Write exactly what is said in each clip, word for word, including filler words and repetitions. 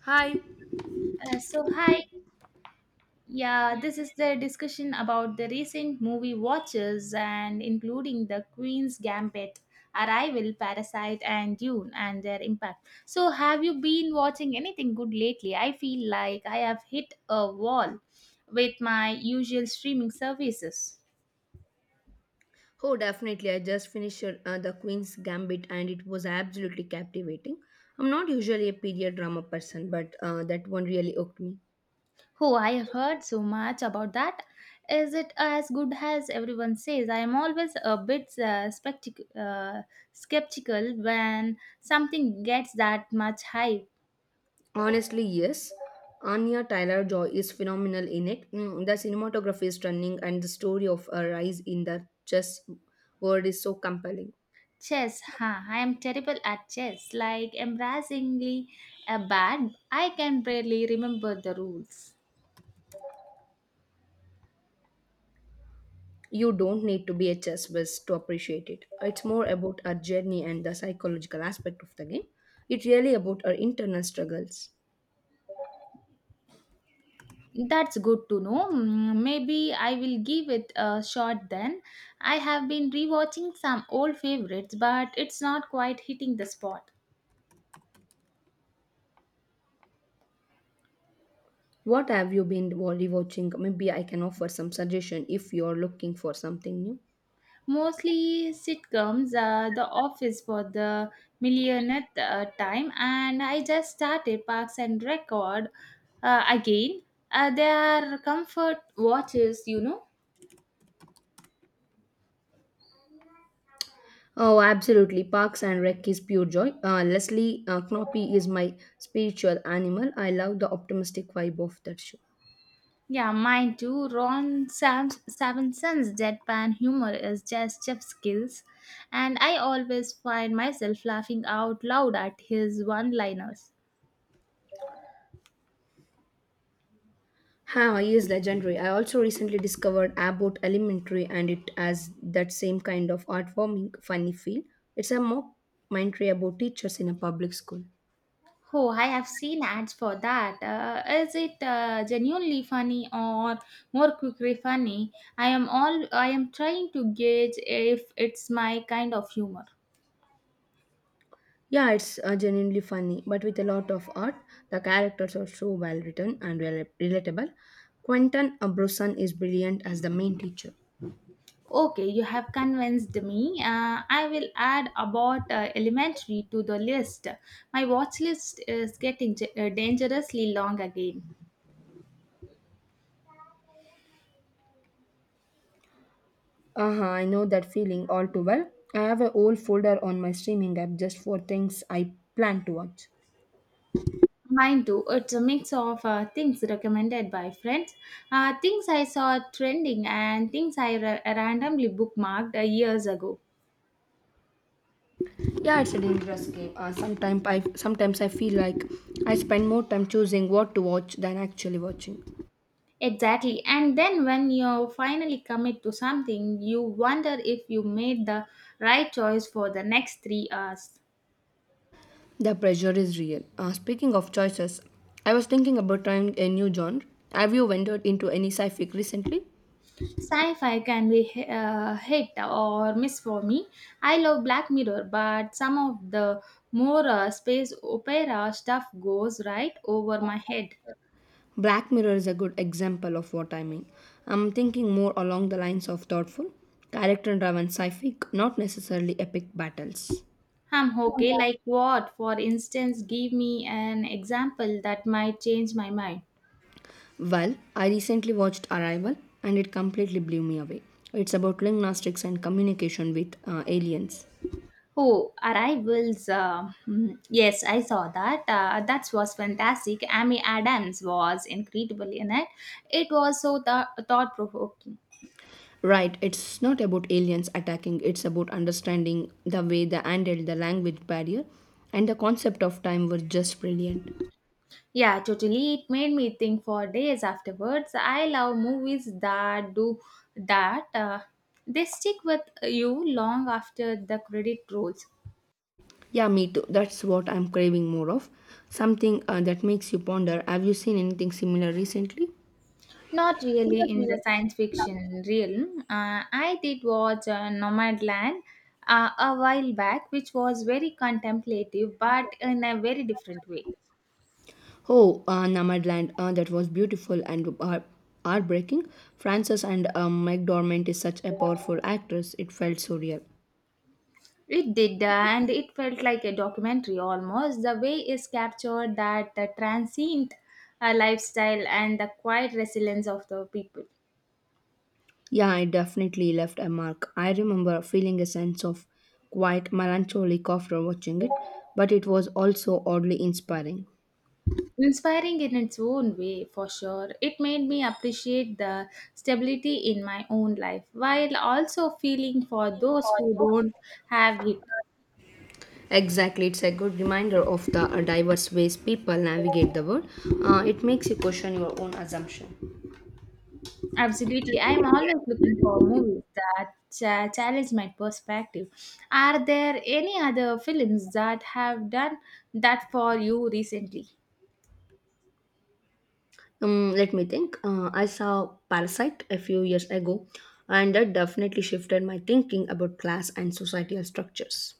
Hi. Uh, so hi, yeah this is the discussion about the recent movie watches and including the Queen's Gambit, Arrival, Parasite, and Dune, and their impact. So have you been watching anything good lately? I feel like I have hit a wall with my usual streaming services. Oh, definitely. I just finished uh, The Queen's Gambit and it was absolutely captivating. I'm not usually a period drama person, but uh, that one really hooked me. Oh, I have heard so much about that. Is it as good as everyone says? I am always a bit uh, spectic- uh, skeptical when something gets that much hype. Honestly, yes. Anya Tyler Joy is phenomenal in it. Mm, the cinematography is stunning and the story of her rise in the chess world is so compelling. Chess, huh? I am terrible at chess, like embarrassingly uh, bad. I can barely remember the rules. You don't need to be a chess whiz to appreciate it. It's more about her journey and the psychological aspect of the game. It's really about her internal struggles. That's good to know. Mm, maybe I will give it a shot then. I have been rewatching some old favorites, but it's not quite hitting the spot. What have you been wa- rewatching? Maybe I can offer some suggestion if you're looking for something new. Mostly sitcoms, uh, The Office for the millionth uh, time, and I just started Parks and Record uh, again. Uh, they are comfort watches, you know. Oh, absolutely. Parks and Rec is pure joy. Uh, Leslie uh, Knope is my spiritual animal. I love the optimistic vibe of that show. Yeah, mine too. Ron Sam- Savinson's deadpan humor is just chef skills, and I always find myself laughing out loud at his one-liners. Ha, he is legendary. I also recently discovered Abbott Elementary and it has that same kind of heartwarming, funny feel. It's a mock commentary about teachers in a public school. Oh, I have seen ads for that. Uh, is it uh, genuinely funny or more quickly funny? I am all I am trying to gauge if it's my kind of humor. Yeah, it's uh, genuinely funny, but with a lot of art. The characters are so well written and rela- relatable. Quentin Abrosan is brilliant as the main teacher. Okay, you have convinced me. Uh, I will add about uh, elementary to the list. My watch list is getting ge- uh, dangerously long again. Uh-huh, I know that feeling all too well. I have a whole folder on my streaming app just for things I plan to watch. Mine too. It's a mix of uh, things recommended by friends, uh, things I saw trending, and things I ra- randomly bookmarked uh, years ago. Yeah, it's a dangerous game. Uh, sometimes I sometimes I feel like I spend more time choosing what to watch than actually watching. Exactly. And then when you finally commit to something, you wonder if you made the right choice for the next three hours. The pressure is real. Uh, speaking of choices, I was thinking about trying a new genre. Have you ventured into any sci fi recently? Sci fi can be h- uh, hit or miss for me. I love Black Mirror, but some of the more uh, space opera stuff goes right over my head. Black Mirror is a good example of what I mean. I'm thinking more along the lines of thoughtful, character driven sci fi not necessarily epic battles. I'm okay. Like what? For instance, give me an example that might change my mind. Well, I recently watched Arrival and it completely blew me away. It's about linguistics and communication with uh, aliens. Oh, Arrivals. Uh, mm, yes, I saw that. Uh, that was fantastic. Amy Adams was incredible in it. It was so th- thought provoking. Right, it's not about aliens attacking, it's about understanding the way they handled the language barrier and the concept of time was just brilliant. Yeah, totally. It made me think for days afterwards. I love movies that do that. Uh, they stick with you long after the credit rolls. Yeah, me too. That's what I'm craving more of. Something uh, that makes you ponder have you seen anything similar recently? Not really in the science fiction realm. Uh, I did watch uh, Nomadland uh, a while back, which was very contemplative but in a very different way. Oh, uh, Nomadland, uh, that was beautiful and uh, heartbreaking. Frances and uh, McDormand is such a powerful actress, it felt so real. It did, uh, and it felt like a documentary almost. The way is captured that uh, transient uh, lifestyle and the quiet resilience of the people. Yeah, I definitely left a mark. I remember feeling a sense of quite melancholic after watching it, but it was also oddly inspiring. Inspiring in its own way, for sure. It made me appreciate the stability in my own life while also feeling for those who don't have it. Exactly, it's a good reminder of the uh, diverse ways people navigate the world. Uh, it makes you question your own assumption. Absolutely. I'm always looking for movies that uh, challenge my perspective. Are there any other films that have done that for you recently? Um, let me think. Uh, I saw Parasite a few years ago, and that definitely shifted my thinking about class and societal structures.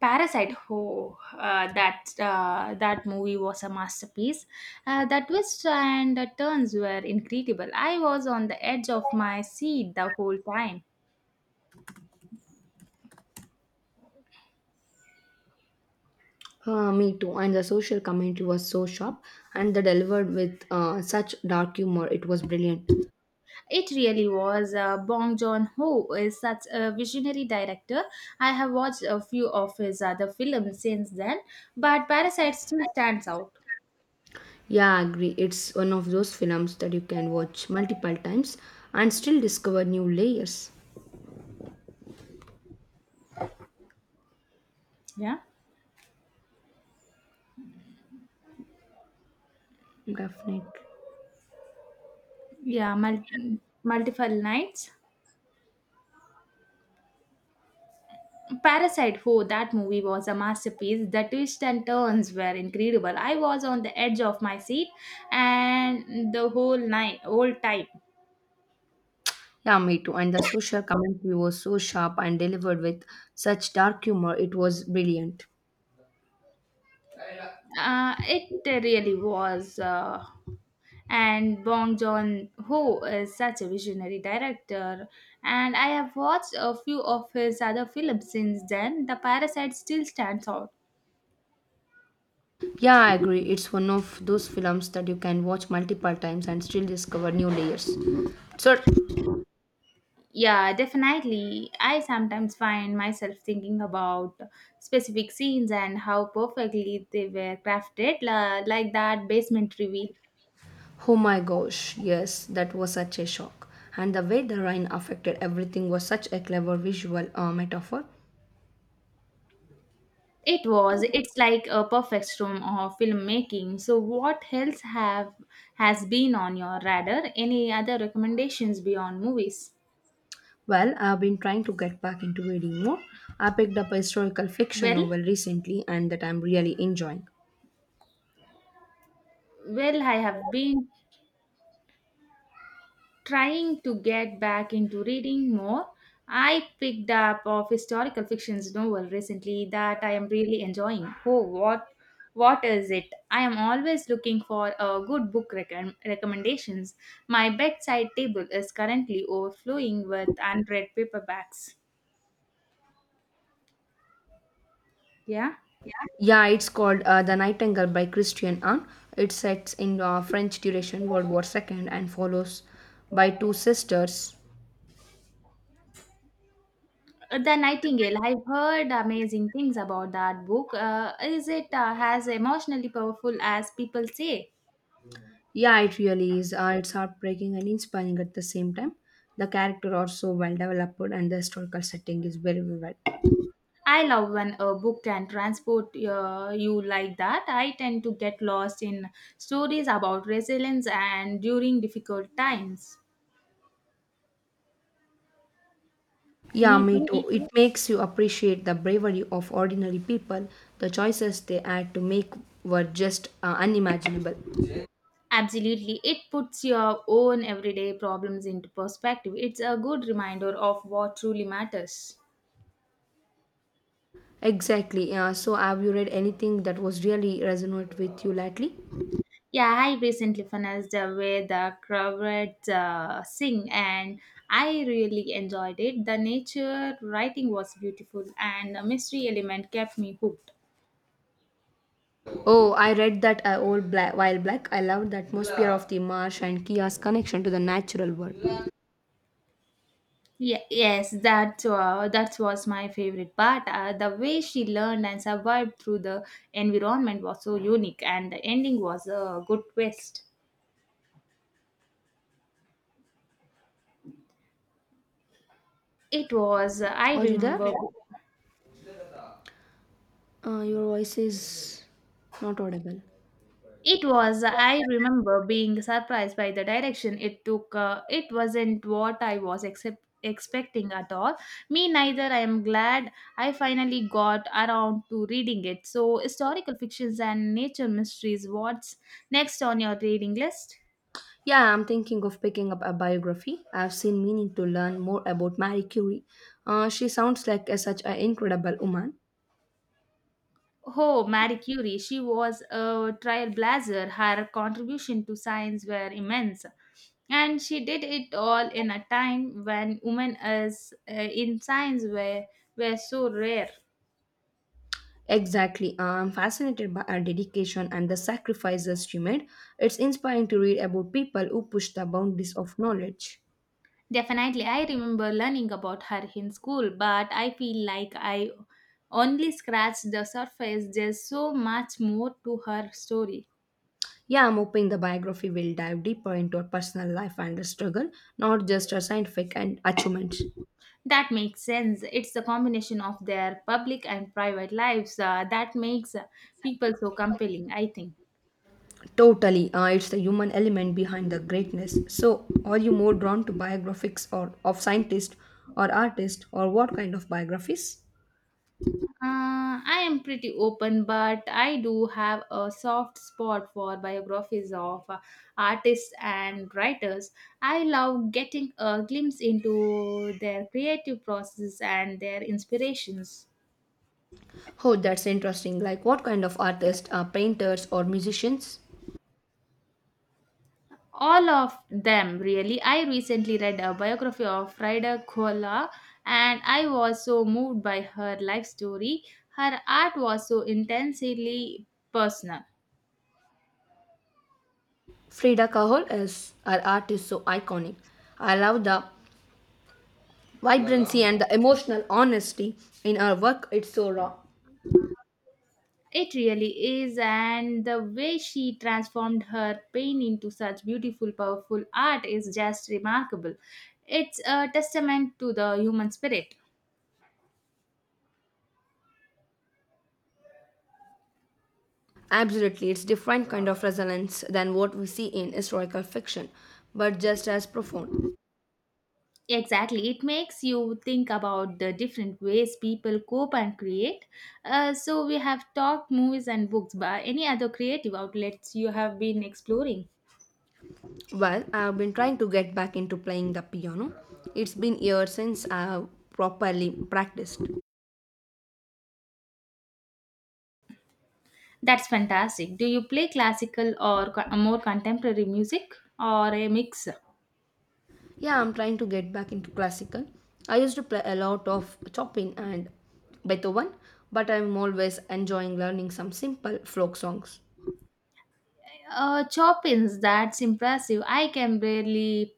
Parasite, oh, uh, that uh, that movie was a masterpiece. Uh, the twists and the turns were incredible. I was on the edge of my seat the whole time. Uh, me too. And the social commentary was so sharp and they delivered with uh, such dark humor. It was brilliant. It really was. Uh, Bong Joon Ho is such a visionary director. I have watched a few of his other films since then, but Parasite still stands out. Yeah, I agree. It's one of those films that you can watch multiple times and still discover new layers. Yeah, Definitely. yeah, mul- multiple nights. Parasite, oh, that movie was a masterpiece. The twists and turns were incredible. I was on the edge of my seat and the whole night, whole time. Yeah, me too. And the social commentary was so sharp and delivered with such dark humor. It was brilliant. Uh, it really was. Uh, and Bong Joon Ho is such a visionary director, and I have watched a few of his other films since then. The Parasite still stands out. Yeah, I agree. It's one of those films that you can watch multiple times and still discover new layers. So, Yeah, definitely. I sometimes find myself thinking about specific scenes and how perfectly they were crafted, la- like that basement reveal. oh my gosh, yes, that was such a shock. And the way the rain affected everything was such a clever visual uh, metaphor. It was. It's like a perfect storm of filmmaking. So, what else have has been on your radar? Any other recommendations beyond movies? Well, I've been trying to get back into reading more. I picked up a historical fiction Well, novel recently and that I'm really enjoying. well, I have been trying to get back into reading more. I picked up of historical fiction's novel recently that I am really enjoying. Oh, what what is it? I am always looking for a good book recom- recommendations. My bedside table is currently overflowing with unread paperbacks. Yeah. Yeah, it's called uh, The Nightingale by Christian Anne. It sets in uh, French duration World War two and follows by two sisters. Uh, The Nightingale. I've heard amazing things about that book. Uh, is it uh, as emotionally powerful as people say? Yeah, it really is. Uh, it's heartbreaking and inspiring at the same time. The character are so well developed, and the historical setting is very well. I love when a book can transport uh, you like that. I tend to get lost in stories about resilience and during difficult times. Yeah, Me me too. too. It makes you appreciate the bravery of ordinary people. The choices they had to make were just uh, unimaginable. Absolutely. It puts your own everyday problems into perspective. It's a good reminder of what truly matters. Exactly. Yeah. So, have you read anything that was really resonant with you lately? Yeah, I recently finished uh, with uh, Kravrat uh, Singh and I really enjoyed it. The nature writing was beautiful and the mystery element kept me hooked. Oh, I read that uh, old black while black. I loved the atmosphere of the marsh and Kia's connection to the natural world. Yeah, yes, that uh, that was my favorite part. Uh, the way she learned and survived through the environment was so unique, and the ending was a good twist. It was. I Are you remember. there? Uh, your voice is not audible. It was. I remember being surprised by the direction it took. Uh, it wasn't what I was except expecting at all. Me neither. I am glad I finally got around to reading it. So, historical fictions and nature mysteries. What's next on your reading list? Yeah, I'm thinking of picking up a biography. I've seen meaning to learn more about Marie Curie. Uh, she sounds like a, such an incredible woman. Oh, Marie Curie, she was a trailblazer. Her contribution to science were immense. And she did it all in a time when women as, uh, in science were, were so rare. Exactly. Uh, I'm fascinated by her dedication and the sacrifices she made. It's inspiring to read about people who push the boundaries of knowledge. Definitely, I remember learning about her in school, but I feel like I only scratched the surface. There's so much more to her story. Yeah, I'm hoping the biography will dive deeper into her personal life and her struggle, not just her scientific and achievements. That makes sense. It's the combination of their public and private lives uh, that makes uh, people so compelling, I think. Totally, uh, it's the human element behind the greatness. So, are you more drawn to biographies or of scientists or artists or what kind of biographies? Uh, I am pretty open, but I do have a soft spot for biographies of uh, artists and writers. I love getting a glimpse into their creative process and their inspirations. Oh, that's interesting. Like what kind of artists are painters or musicians? All of them, really. I recently read a biography of Frida Kahlo, and I was so moved by her life story. Her art was so intensely personal. Frida Kahlo is her art is so iconic. I love the vibrancy and the emotional honesty in her work. It's so raw. It really is, and the way she transformed her pain into such beautiful powerful art is just remarkable. It's a testament to the human spirit. Absolutely, it's different kind of resonance than what we see in historical fiction, but just as profound. Exactly. It makes you think about the different ways people cope and create. Uh, so, we have talked movies and books, but any other creative outlets you have been exploring? Well, I've been trying to get back into playing the piano. It's been years since I've properly practiced. That's fantastic. Do you play classical or co- uh, more contemporary music or a mix? Yeah, I'm trying to get back into classical. I used to play a lot of Chopin and Beethoven, but I'm always enjoying learning some simple folk songs. Uh, Chopin's, that's impressive. I can barely.